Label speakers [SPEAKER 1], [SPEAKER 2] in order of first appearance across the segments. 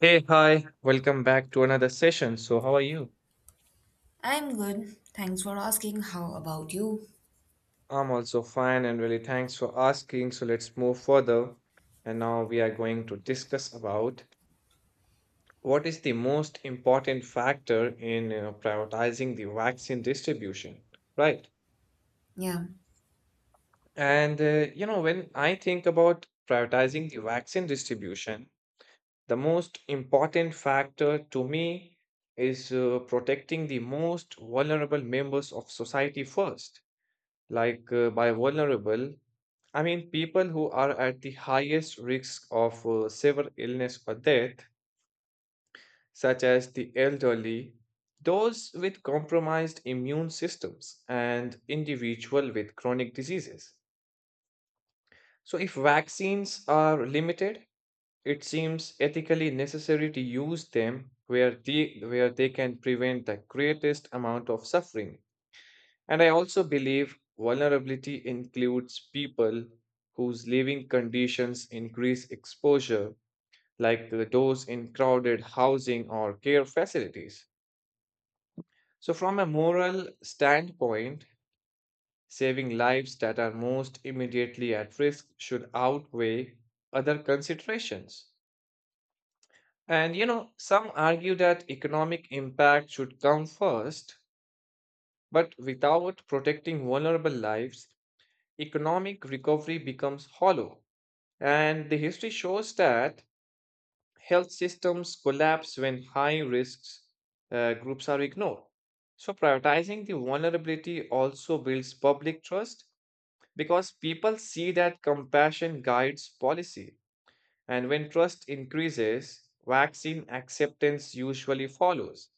[SPEAKER 1] Hey, hi, welcome back to another session. So, how are you?
[SPEAKER 2] I'm good. Thanks for asking. How about you?
[SPEAKER 1] I'm also fine and really thanks for asking. So, let's move further. And now we are going to discuss about what is the most important factor in prioritizing the vaccine distribution, right?
[SPEAKER 2] Yeah,
[SPEAKER 1] And when I think about prioritizing the vaccine distribution, the most important factor to me is protecting the most vulnerable members of society first like by vulnerable, I mean people who are at the highest risk of severe illness or death, such as the elderly, those with compromised immune systems, and individual with chronic diseases. So, if vaccines are limited, it seems ethically necessary to use them where where they can prevent the greatest amount of suffering. And I also believe vulnerability includes people whose living conditions increase exposure, like those in crowded housing or care facilities. So, from a moral standpoint, saving lives that are most immediately at risk should outweigh other considerations. And some argue that economic impact should come first, but without protecting vulnerable lives, economic recovery becomes hollow. And the history shows that health systems collapse when high risks groups are ignored. So, prioritizing the vulnerability also builds public trust because people see that compassion guides policy. And when trust increases, vaccine acceptance usually follows.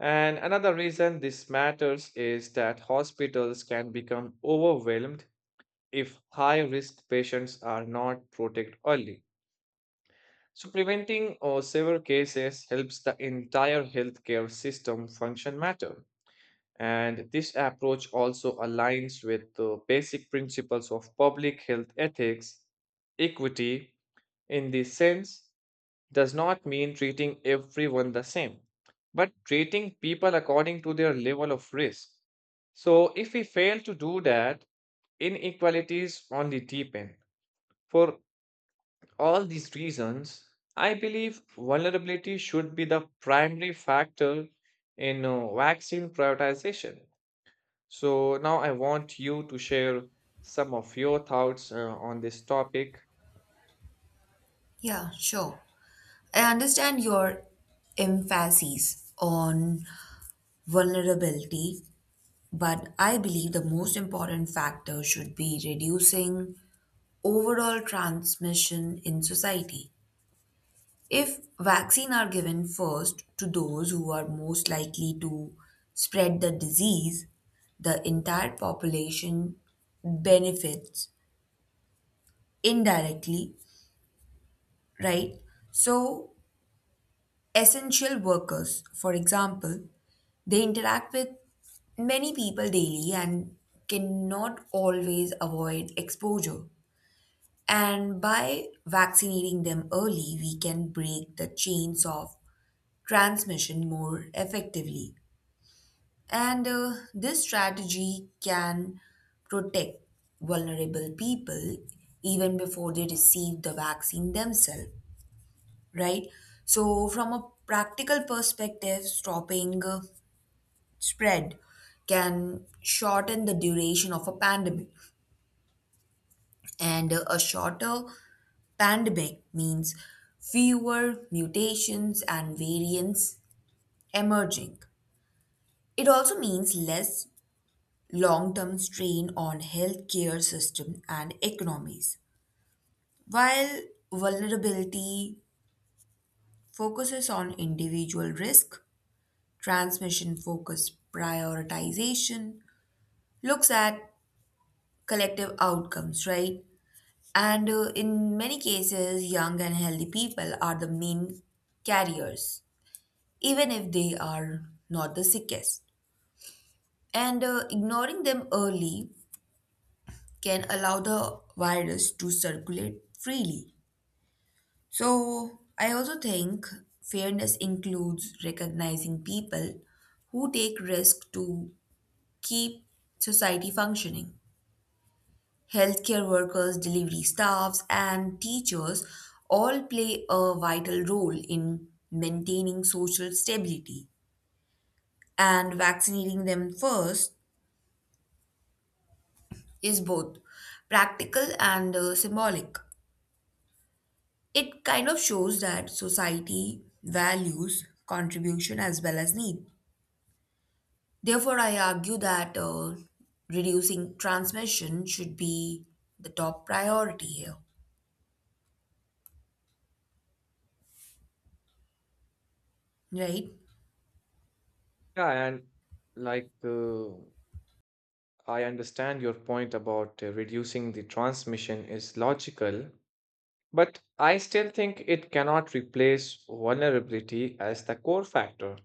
[SPEAKER 1] And another reason this matters is that hospitals can become overwhelmed if high risk patients are not protected early. So, preventing severe cases helps the entire healthcare system function matter. And this approach also aligns with the basic principles of public health ethics. Equity, in this sense, does not mean treating everyone the same, but treating people according to their level of risk. So, if we fail to do that, inequalities only deepen. For all these reasons, I believe vulnerability should be the primary factor in vaccine prioritization. So now I want you to share some of your thoughts on this topic.
[SPEAKER 2] yeah, Sure. I understand your emphasis on vulnerability, but I believe the most important factor should be reducing overall transmission in society. If vaccine are given first to those who are most likely to spread the disease, the entire population benefits indirectly, right? So, essential workers, for example, they interact with many people daily and cannot always avoid exposure. And by vaccinating them early, we can break the chains of transmission more effectively. And this strategy can protect vulnerable people even before they receive the vaccine themselves, right? So, from a practical perspective, stopping spread can shorten the duration of a pandemic. And a shorter pandemic means fewer mutations and variants emerging. It also means less long term strain on healthcare system and economies. While vulnerability focuses on individual risk, transmission focused prioritization looks at collective outcomes, right? And in many cases, young and healthy people are the main carriers, even if they are not the sickest. And ignoring them early can allow the virus to circulate freely. So, I also think fairness includes recognizing people who take risk to keep society functioning. Healthcare workers, delivery staffs, and teachers all play a vital role in maintaining social stability. And vaccinating them first is both practical and symbolic. It kind of shows that society values contribution as well as need. Therefore, I argue that reducing transmission should be the top priority here, right?
[SPEAKER 1] Yeah, and like uh, I understand your point about reducing the transmission is logical, but I still think it cannot replace vulnerability as the core factor.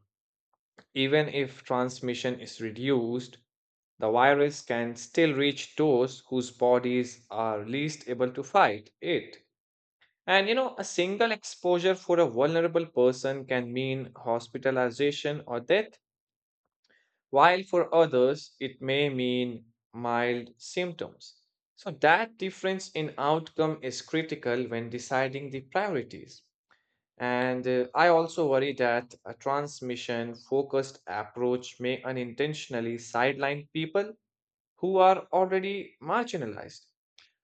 [SPEAKER 1] Even if transmission is reduced, the virus can still reach those whose bodies are least able to fight it. And a single exposure for a vulnerable person can mean hospitalization or death, while for others, it may mean mild symptoms. So, that difference in outcome is critical when deciding the priorities. And I also worry that a transmission focused approach may unintentionally sideline people who are already marginalized.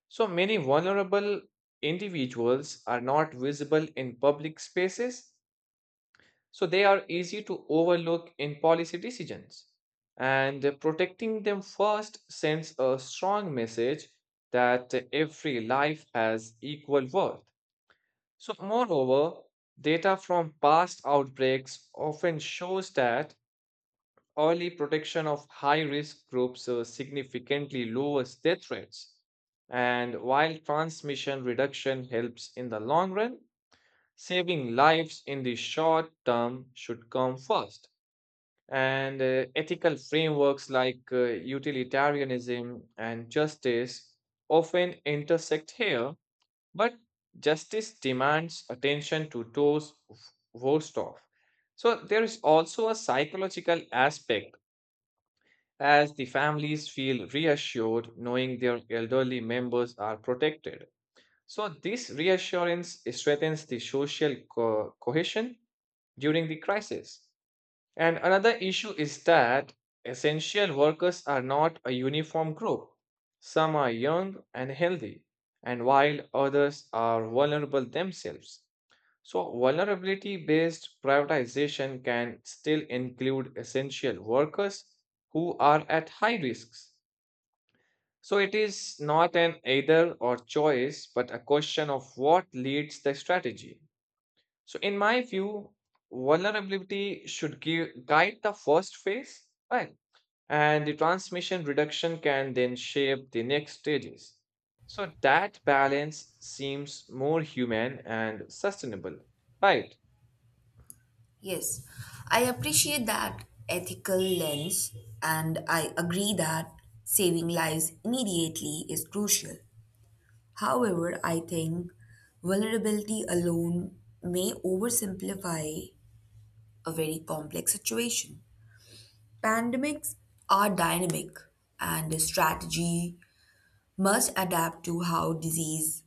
[SPEAKER 1] So many vulnerable individuals are not visible in public spaces, so they are easy to overlook in policy decisions. And protecting them first sends a strong message that every life has equal worth. So, moreover, data from past outbreaks often shows that early protection of high risk groups significantly lowers death rates. And while transmission reduction helps in the long run, saving lives in the short term should come first. And ethical frameworks like utilitarianism and justice often intersect here, but justice demands attention to those worst off. So, there is also a psychological aspect as the families feel reassured knowing their elderly members are protected. So, this reassurance strengthens the social cohesion during the crisis. And another issue is that essential workers are not a uniform group. Some are young and healthy, and while others are vulnerable themselves. So, vulnerability based privatization can still include essential workers who are at high risks. So, it is not an either or choice, but a question of what leads the strategy. So, in my view, vulnerability should guide the first phase, right? And the transmission reduction can then shape the next stages. So, that balance seems more human and sustainable, right?
[SPEAKER 2] Yes, I appreciate that ethical lens and I agree that saving lives immediately is crucial. However, I think vulnerability alone may oversimplify a very complex situation. Pandemics are dynamic and a strategy must adapt to how disease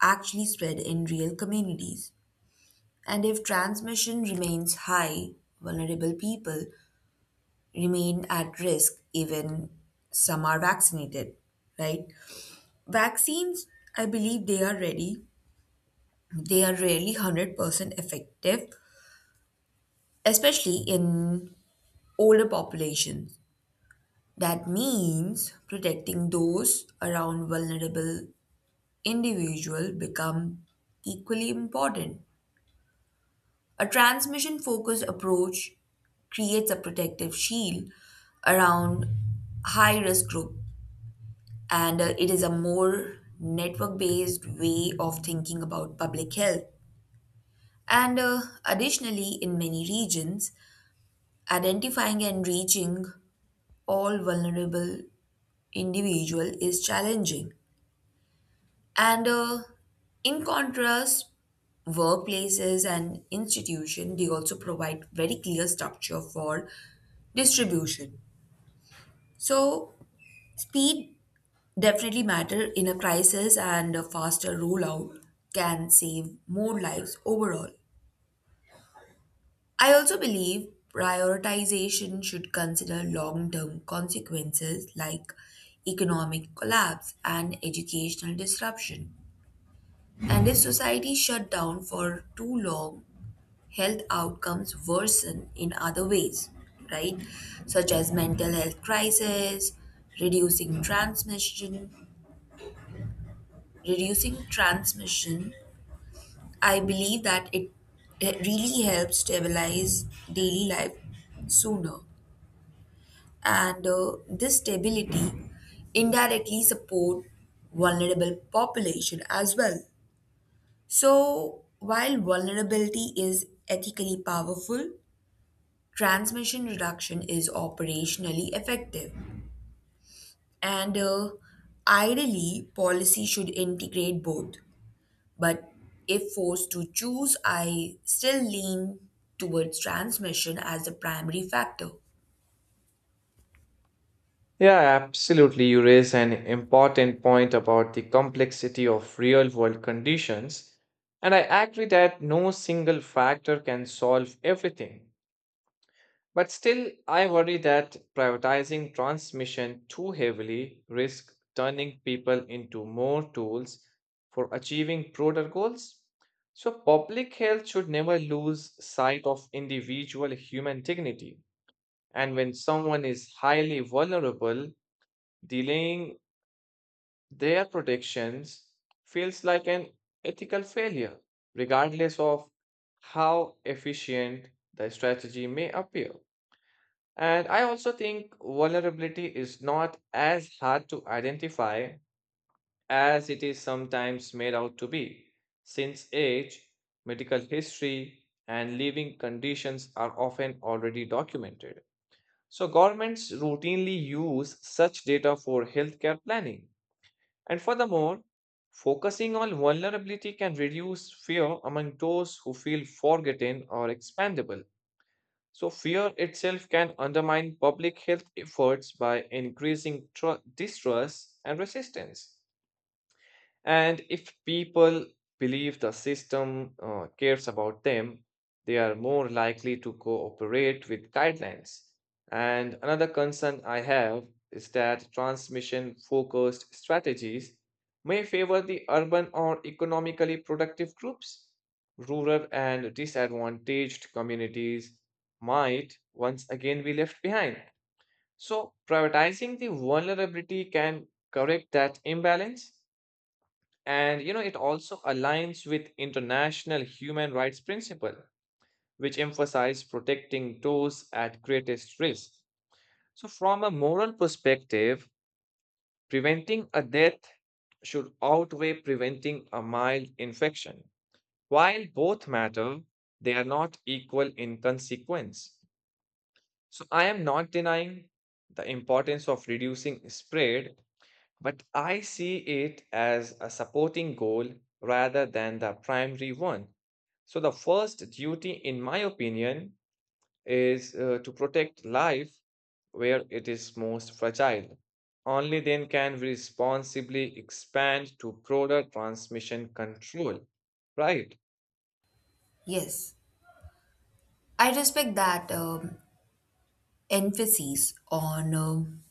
[SPEAKER 2] actually spread in real communities. And if transmission remains high, vulnerable people remain at risk even some are vaccinated, right? Vaccines, I believe they are ready, they are rarely 100% effective, especially in older populations. That means protecting those around vulnerable individual become equally important. A transmission focused approach creates a protective shield around high risk group, and it is a more network based way of thinking about public health. And Additionally, in many regions, identifying and reaching all vulnerable individual is challenging. And in contrast, workplaces and institutions they also provide very clear structure for distribution. So speed definitely matter in a crisis and a faster rollout can save more lives overall. I also believe prioritization should consider long term consequences like economic collapse and educational disruption. And if society shut down for too long, health outcomes worsen in other ways, right? Such as mental health crisis, reducing transmission, reducing transmission, I believe that it really helps stabilize daily life sooner. And this stability indirectly support vulnerable population as well. So while vulnerability is ethically powerful, transmission reduction is operationally effective. And Ideally, policy should integrate both. But if forced to choose, I still lean towards transmission as the primary factor.
[SPEAKER 1] Yeah, absolutely. You raise an important point about the complexity of real world conditions. And I agree that no single factor can solve everything. But still, I worry that prioritizing transmission too heavily risks turning people into more tools for achieving broader goals. So, public health should never lose sight of individual human dignity. And when someone is highly vulnerable, delaying their protections feels like an ethical failure, regardless of how efficient the strategy may appear. And I also think vulnerability is not as hard to identify as it is sometimes made out to be, since age, medical history, and living conditions are often already documented. So, governments routinely use such data for healthcare planning and furthermore, focusing on vulnerability can reduce fear among those who feel forgotten or expandable. So, fear itself can undermine public health efforts by increasing distrust and resistance. And if people believe the system cares about them, they are more likely to cooperate with guidelines. And another concern I have is that transmission focused strategies may favor the urban or economically productive groups. Rural and disadvantaged communities might once again be left behind. So, prioritizing the vulnerability can correct that imbalance. And it also aligns with international human rights principle, which emphasize protecting those at greatest risk. So from a moral perspective, preventing a death should outweigh preventing a mild infection. While both matter, they are not equal in consequence. So I am not denying the importance of reducing spread, but I see it as a supporting goal rather than the primary one. So, the first duty, in my opinion, is to protect life where it is most fragile. Only then can we responsibly expand to broader transmission control. Right.
[SPEAKER 2] Yes, I respect that emphasis on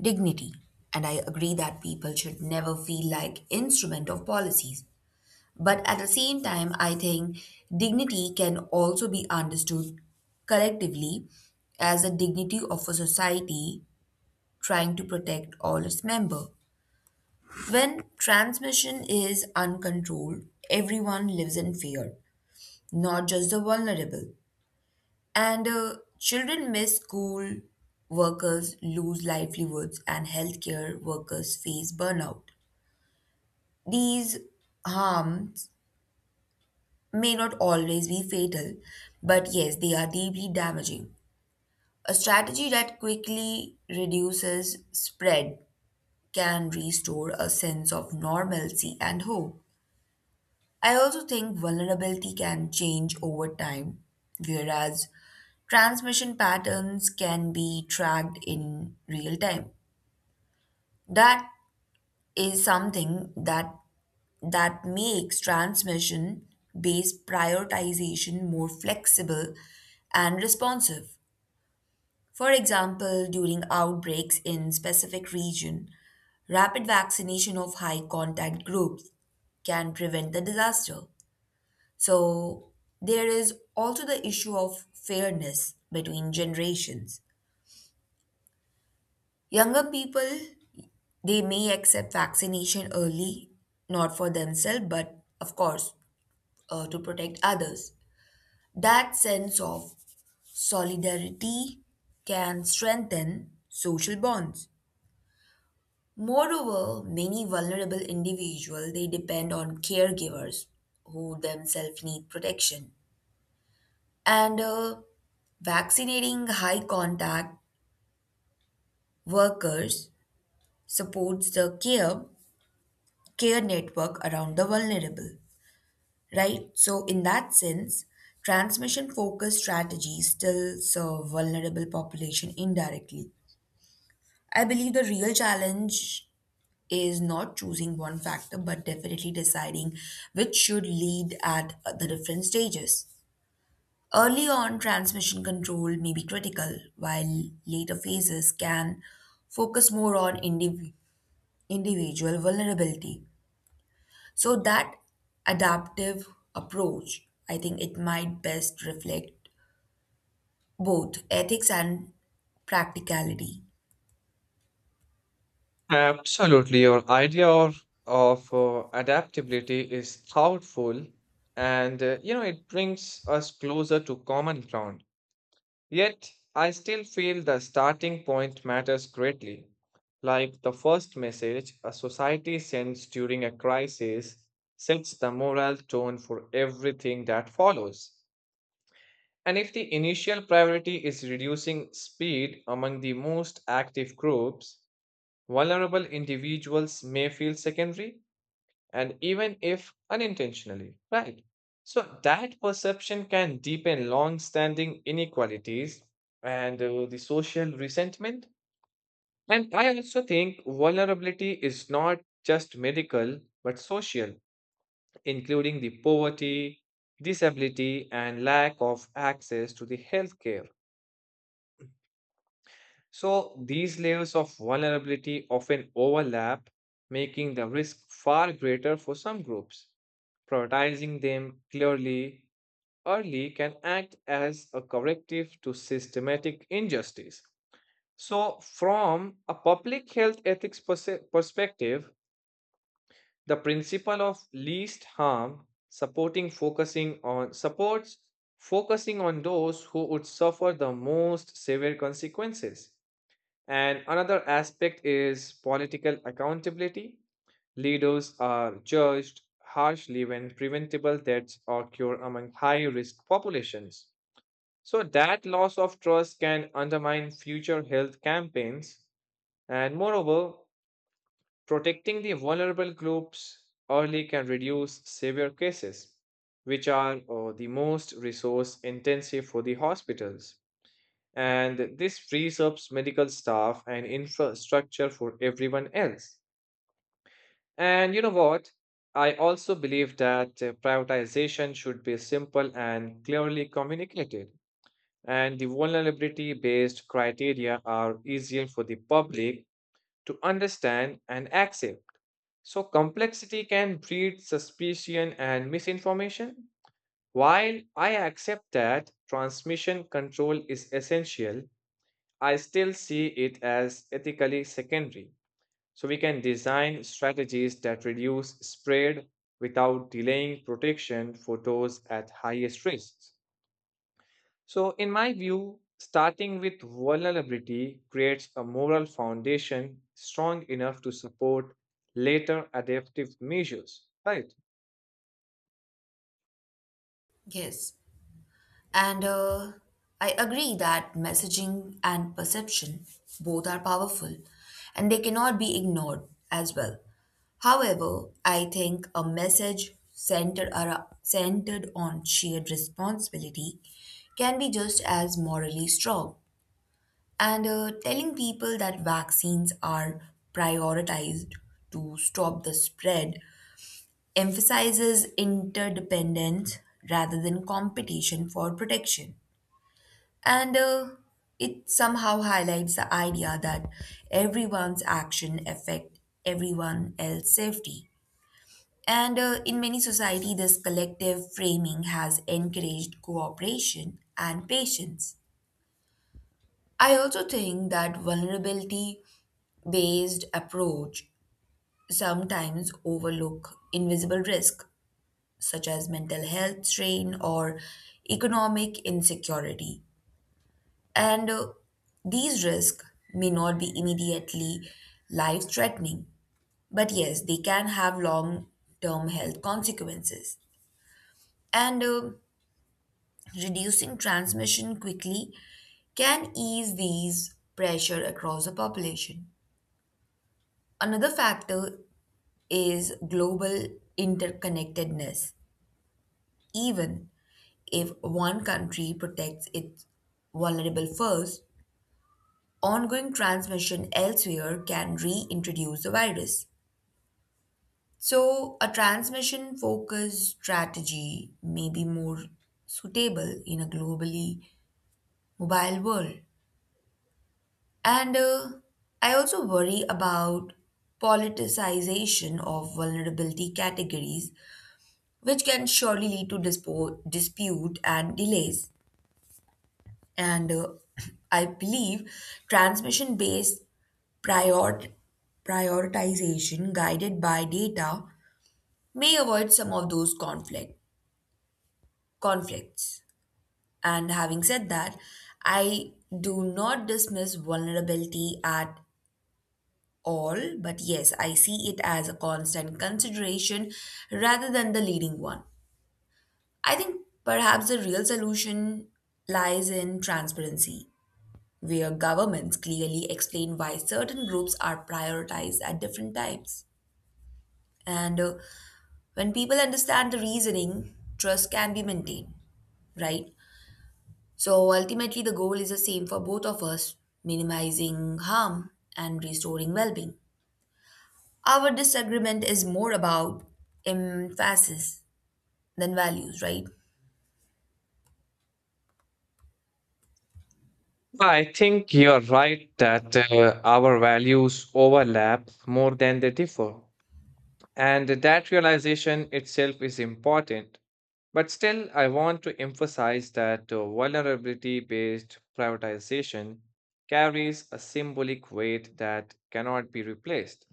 [SPEAKER 2] dignity, and I agree that people should never feel like instrument of policies. But at the same time, I think dignity can also be understood collectively as the dignity of a society trying to protect all its members. When transmission is uncontrolled, everyone lives in fear, not just the vulnerable. And Children miss school, workers lose livelihoods, and healthcare workers face burnout. These harms may not always be fatal, but yes, they are deeply damaging. A strategy that quickly reduces spread can restore a sense of normalcy and hope. I also think vulnerability can change over time, whereas transmission patterns can be tracked in real time. That is something that makes transmission based prioritization more flexible and responsive. For example, during outbreaks in specific region, rapid vaccination of high contact groups can prevent the disaster. So there is also the issue of fairness between generations. Younger people, they may accept vaccination early, not for themselves, but of course, to protect others. That sense of solidarity can strengthen social bonds. Moreover, many vulnerable individuals they depend on caregivers who themselves need protection. And vaccinating high contact workers supports the care network around the vulnerable, right? So in that sense, transmission focused strategies still serve vulnerable population indirectly. I believe the real challenge is not choosing one factor but definitely deciding which should lead at the different stages. Early on, transmission control may be critical while later phases can focus more on individual vulnerability. So that adaptive approach, I think it might best reflect both ethics and practicality.
[SPEAKER 1] Absolutely. Your idea of adaptability is thoughtful and it brings us closer to common ground. Yet, I still feel the starting point matters greatly, like the first message a society sends during a crisis sets the moral tone for everything that follows. And if the initial priority is reducing speed among the most active groups, vulnerable individuals may feel secondary and even if unintentionally, right? So that perception can deepen long standing inequalities and the social resentment. And I also think vulnerability is not just medical but social, including the poverty, disability, and lack of access to the healthcare. So these layers of vulnerability often overlap, making the risk far greater for some groups. Prioritizing them clearly early can act as a corrective to systematic injustice. So, from a public health ethics perspective, the principle of least harm supporting focusing on supports focusing on those who would suffer the most severe consequences and another aspect is political accountability. Leaders are judged harshly when preventable deaths occur among high risk populations. So, that loss of trust can undermine future health campaigns. And moreover, protecting the vulnerable groups early can reduce severe cases, which are the most resource intensive for the hospitals and this frees up medical staff and infrastructure for everyone else. And you know what? I also believe that prioritization should be simple and clearly communicated, and the vulnerability based criteria are easier for the public to understand and accept. So, complexity can breed suspicion and misinformation. While I accept that transmission control is essential, I still see it as ethically secondary, so we can design strategies that reduce spread without delaying protection for those at highest risks. So, in my view, starting with vulnerability creates a moral foundation strong enough to support later adaptive measures. Right.
[SPEAKER 2] Yes. And I agree that messaging and perception both are powerful and they cannot be ignored as well. However, I think a centered on shared responsibility can be just as morally strong. And telling people that vaccines are prioritized to stop the spread emphasizes interdependence rather than competition for protection. And it somehow highlights the idea that everyone's action affect everyone else's safety. And in many society, this collective framing has encouraged cooperation and patience. I also think that vulnerability based approach sometimes overlook invisible risk such as mental health strain or economic insecurity, and these risks may not be immediately life threatening, but yes they can have long term health consequences. And Reducing transmission quickly can ease these pressure across the population. Another factor is global interconnectedness. Even if one country protects its vulnerable first, ongoing transmission elsewhere can reintroduce the virus. So, a transmission focused strategy may be more suitable in a globally mobile world. And I also worry about politicization of vulnerability categories which can surely lead to dispute and delays. And I believe transmission based prior- prioritization guided by data may avoid some of those conflicts. And having said that, I do not dismiss vulnerability at all, but yes, I see it as a constant consideration rather than the leading one. I think perhaps the real solution lies in transparency, where governments clearly explain why certain groups are prioritized at different times. And when people understand the reasoning, trust can be maintained, right? So ultimately, the goal is the same for both of us: minimizing harm and restoring well being. Our disagreement is more about emphasis than values, right?
[SPEAKER 1] I think you're right that our values overlap more than they differ. And that realization itself is important. But still, I want to emphasize that vulnerability based prioritization carries a symbolic weight that cannot be replaced.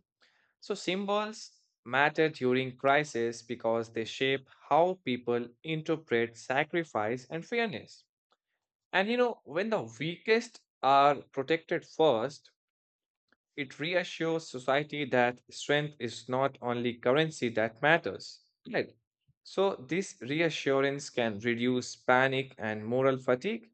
[SPEAKER 1] So, symbols matter during crisis because they shape how people interpret sacrifice and fairness. And when the weakest are protected first, it reassures society that strength is not only currency that matters. Right. So, this reassurance can reduce panic and moral fatigue.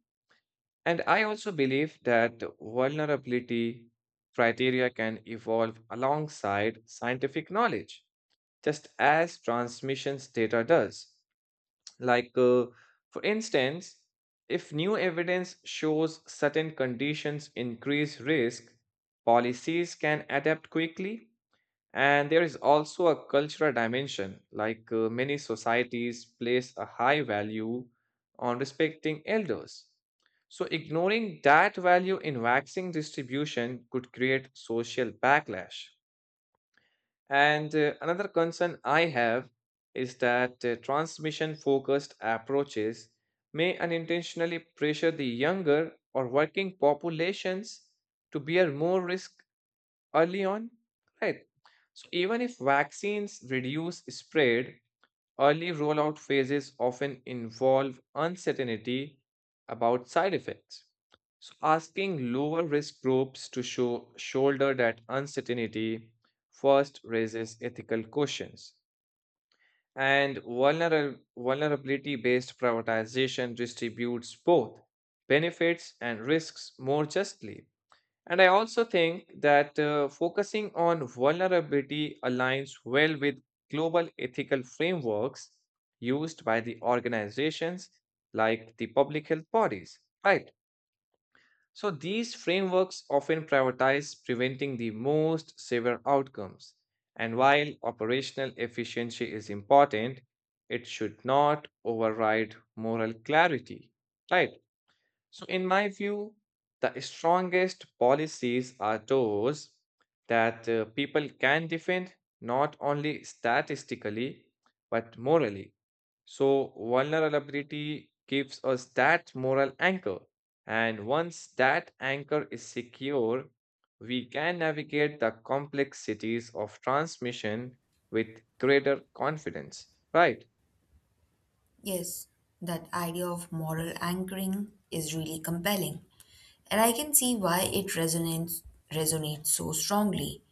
[SPEAKER 1] And I also believe that vulnerability criteria can evolve alongside scientific knowledge, just as transmissions data does. Like, uh, for instance, if new evidence shows certain conditions increase risk, policies can adapt quickly and there is also a cultural dimension, many societies place a high value on respecting elders. So, ignoring that value in vaccine distribution could create social backlash. And another concern I have is that transmission focused approaches may unintentionally pressure the younger or working populations to bear more risk early on, right? So even if vaccines reduce spread, early rollout phases often involve uncertainty about side effects. So asking lower risk groups to shoulder that uncertainty first raises ethical questions. And vulnerability based prioritization distributes both benefits and risks more justly. And I also think that focusing on vulnerability aligns well with global ethical frameworks used by the organizations like the public health bodies, right? So these frameworks often prioritize preventing the most severe outcomes. And while operational efficiency is important, it should not override moral clarity, right? So, in my view, the strongest policies are those that people can defend not only statistically but morally. So, vulnerability gives us that moral anchor. And once that anchor is secure, we can navigate the complexities of transmission with greater confidence, right?
[SPEAKER 2] Yes, that idea of moral anchoring is really compelling, and I can see why it resonates so strongly.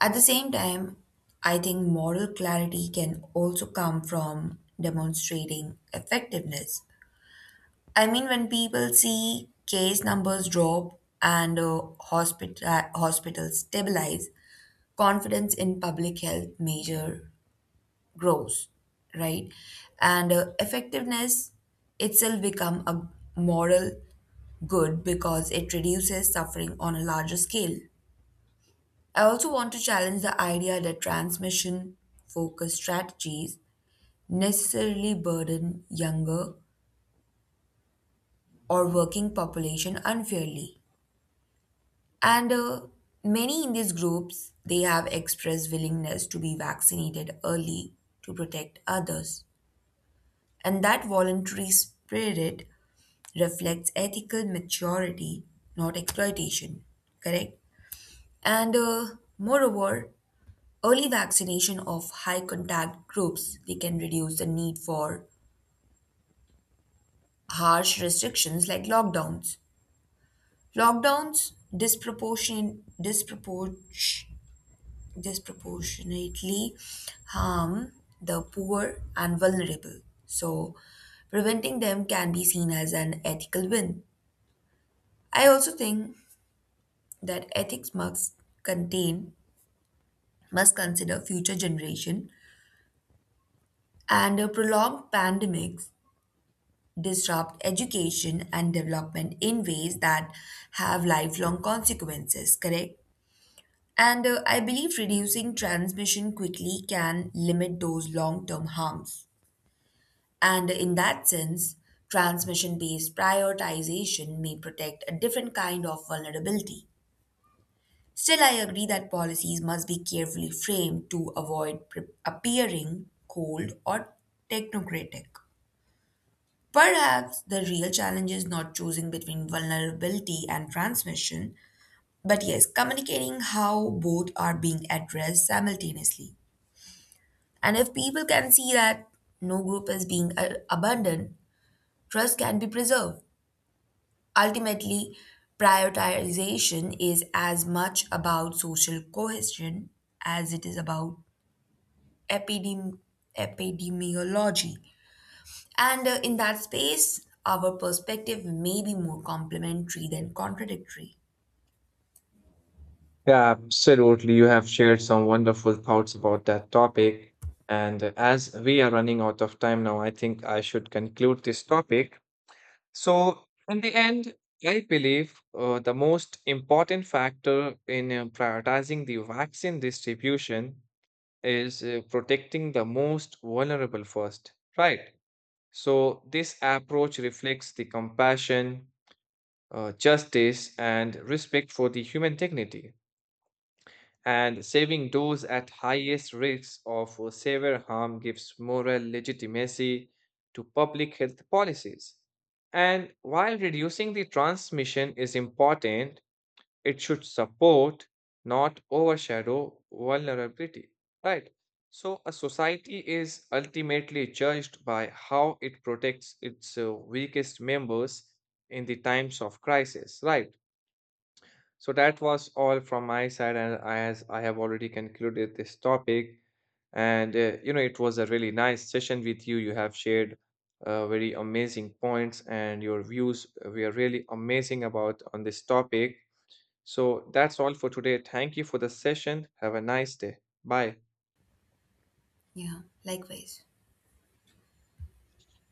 [SPEAKER 2] At the same time, I think moral clarity can also come from demonstrating effectiveness. I mean, when people see case numbers drop and hospitals stabilize, confidence in public health measure grows, right? And effectiveness itself become a moral good because it reduces suffering on a larger scale. I also want to challenge the idea that transmission focused strategies necessarily burden younger or working population unfairly, and many in these groups they have expressed willingness to be vaccinated early to protect others, and that voluntary spirit reflects ethical maturity, not exploitation. Correct? And Moreover, early vaccination of high contact groups they can reduce the need for harsh restrictions like lockdowns. Lockdowns disproportionately harm the poor and vulnerable. So preventing them can be seen as an ethical win. I also think that ethics must contain must consider future generation, and prolonged pandemics disrupt education and development in ways that have lifelong consequences, correct? And I believe reducing transmission quickly can limit those long-term harms, and in that sense transmission-based prioritization may protect a different kind of vulnerability. Still, I agree that policies must be carefully framed to avoid appearing cold or technocratic. Perhaps the real challenge is not choosing between vulnerability and transmission, but yes, communicating how both are being addressed simultaneously. And if people can see that no group is being abandoned, trust can be preserved. Ultimately, prioritization is as much about social cohesion as it is about epidem- epidemiology. And in that space, our perspective may be more complementary than contradictory.
[SPEAKER 1] Yeah, absolutely. You have shared some wonderful thoughts about that topic. And as we are running out of time now, I think I should conclude this topic. So, in the end, I believe the most important factor in prioritizing the vaccine distribution is protecting the most vulnerable first, right? So, this approach reflects the compassion, justice, and respect for the human dignity and saving those at highest risk of severe harm gives moral legitimacy to public health policies. And while reducing the transmission is important, it should support, not overshadow, vulnerability. Right? So, a society is ultimately judged by how it protects its weakest members in the times of crisis. Right? So that was all from my side, and as I have already concluded this topic, and it was a really nice session with you. You have shared very amazing points, and your views were really amazing about on this topic. So that's all for today. Thank you for the session. Have a nice day. Bye.
[SPEAKER 2] Yeah, likewise.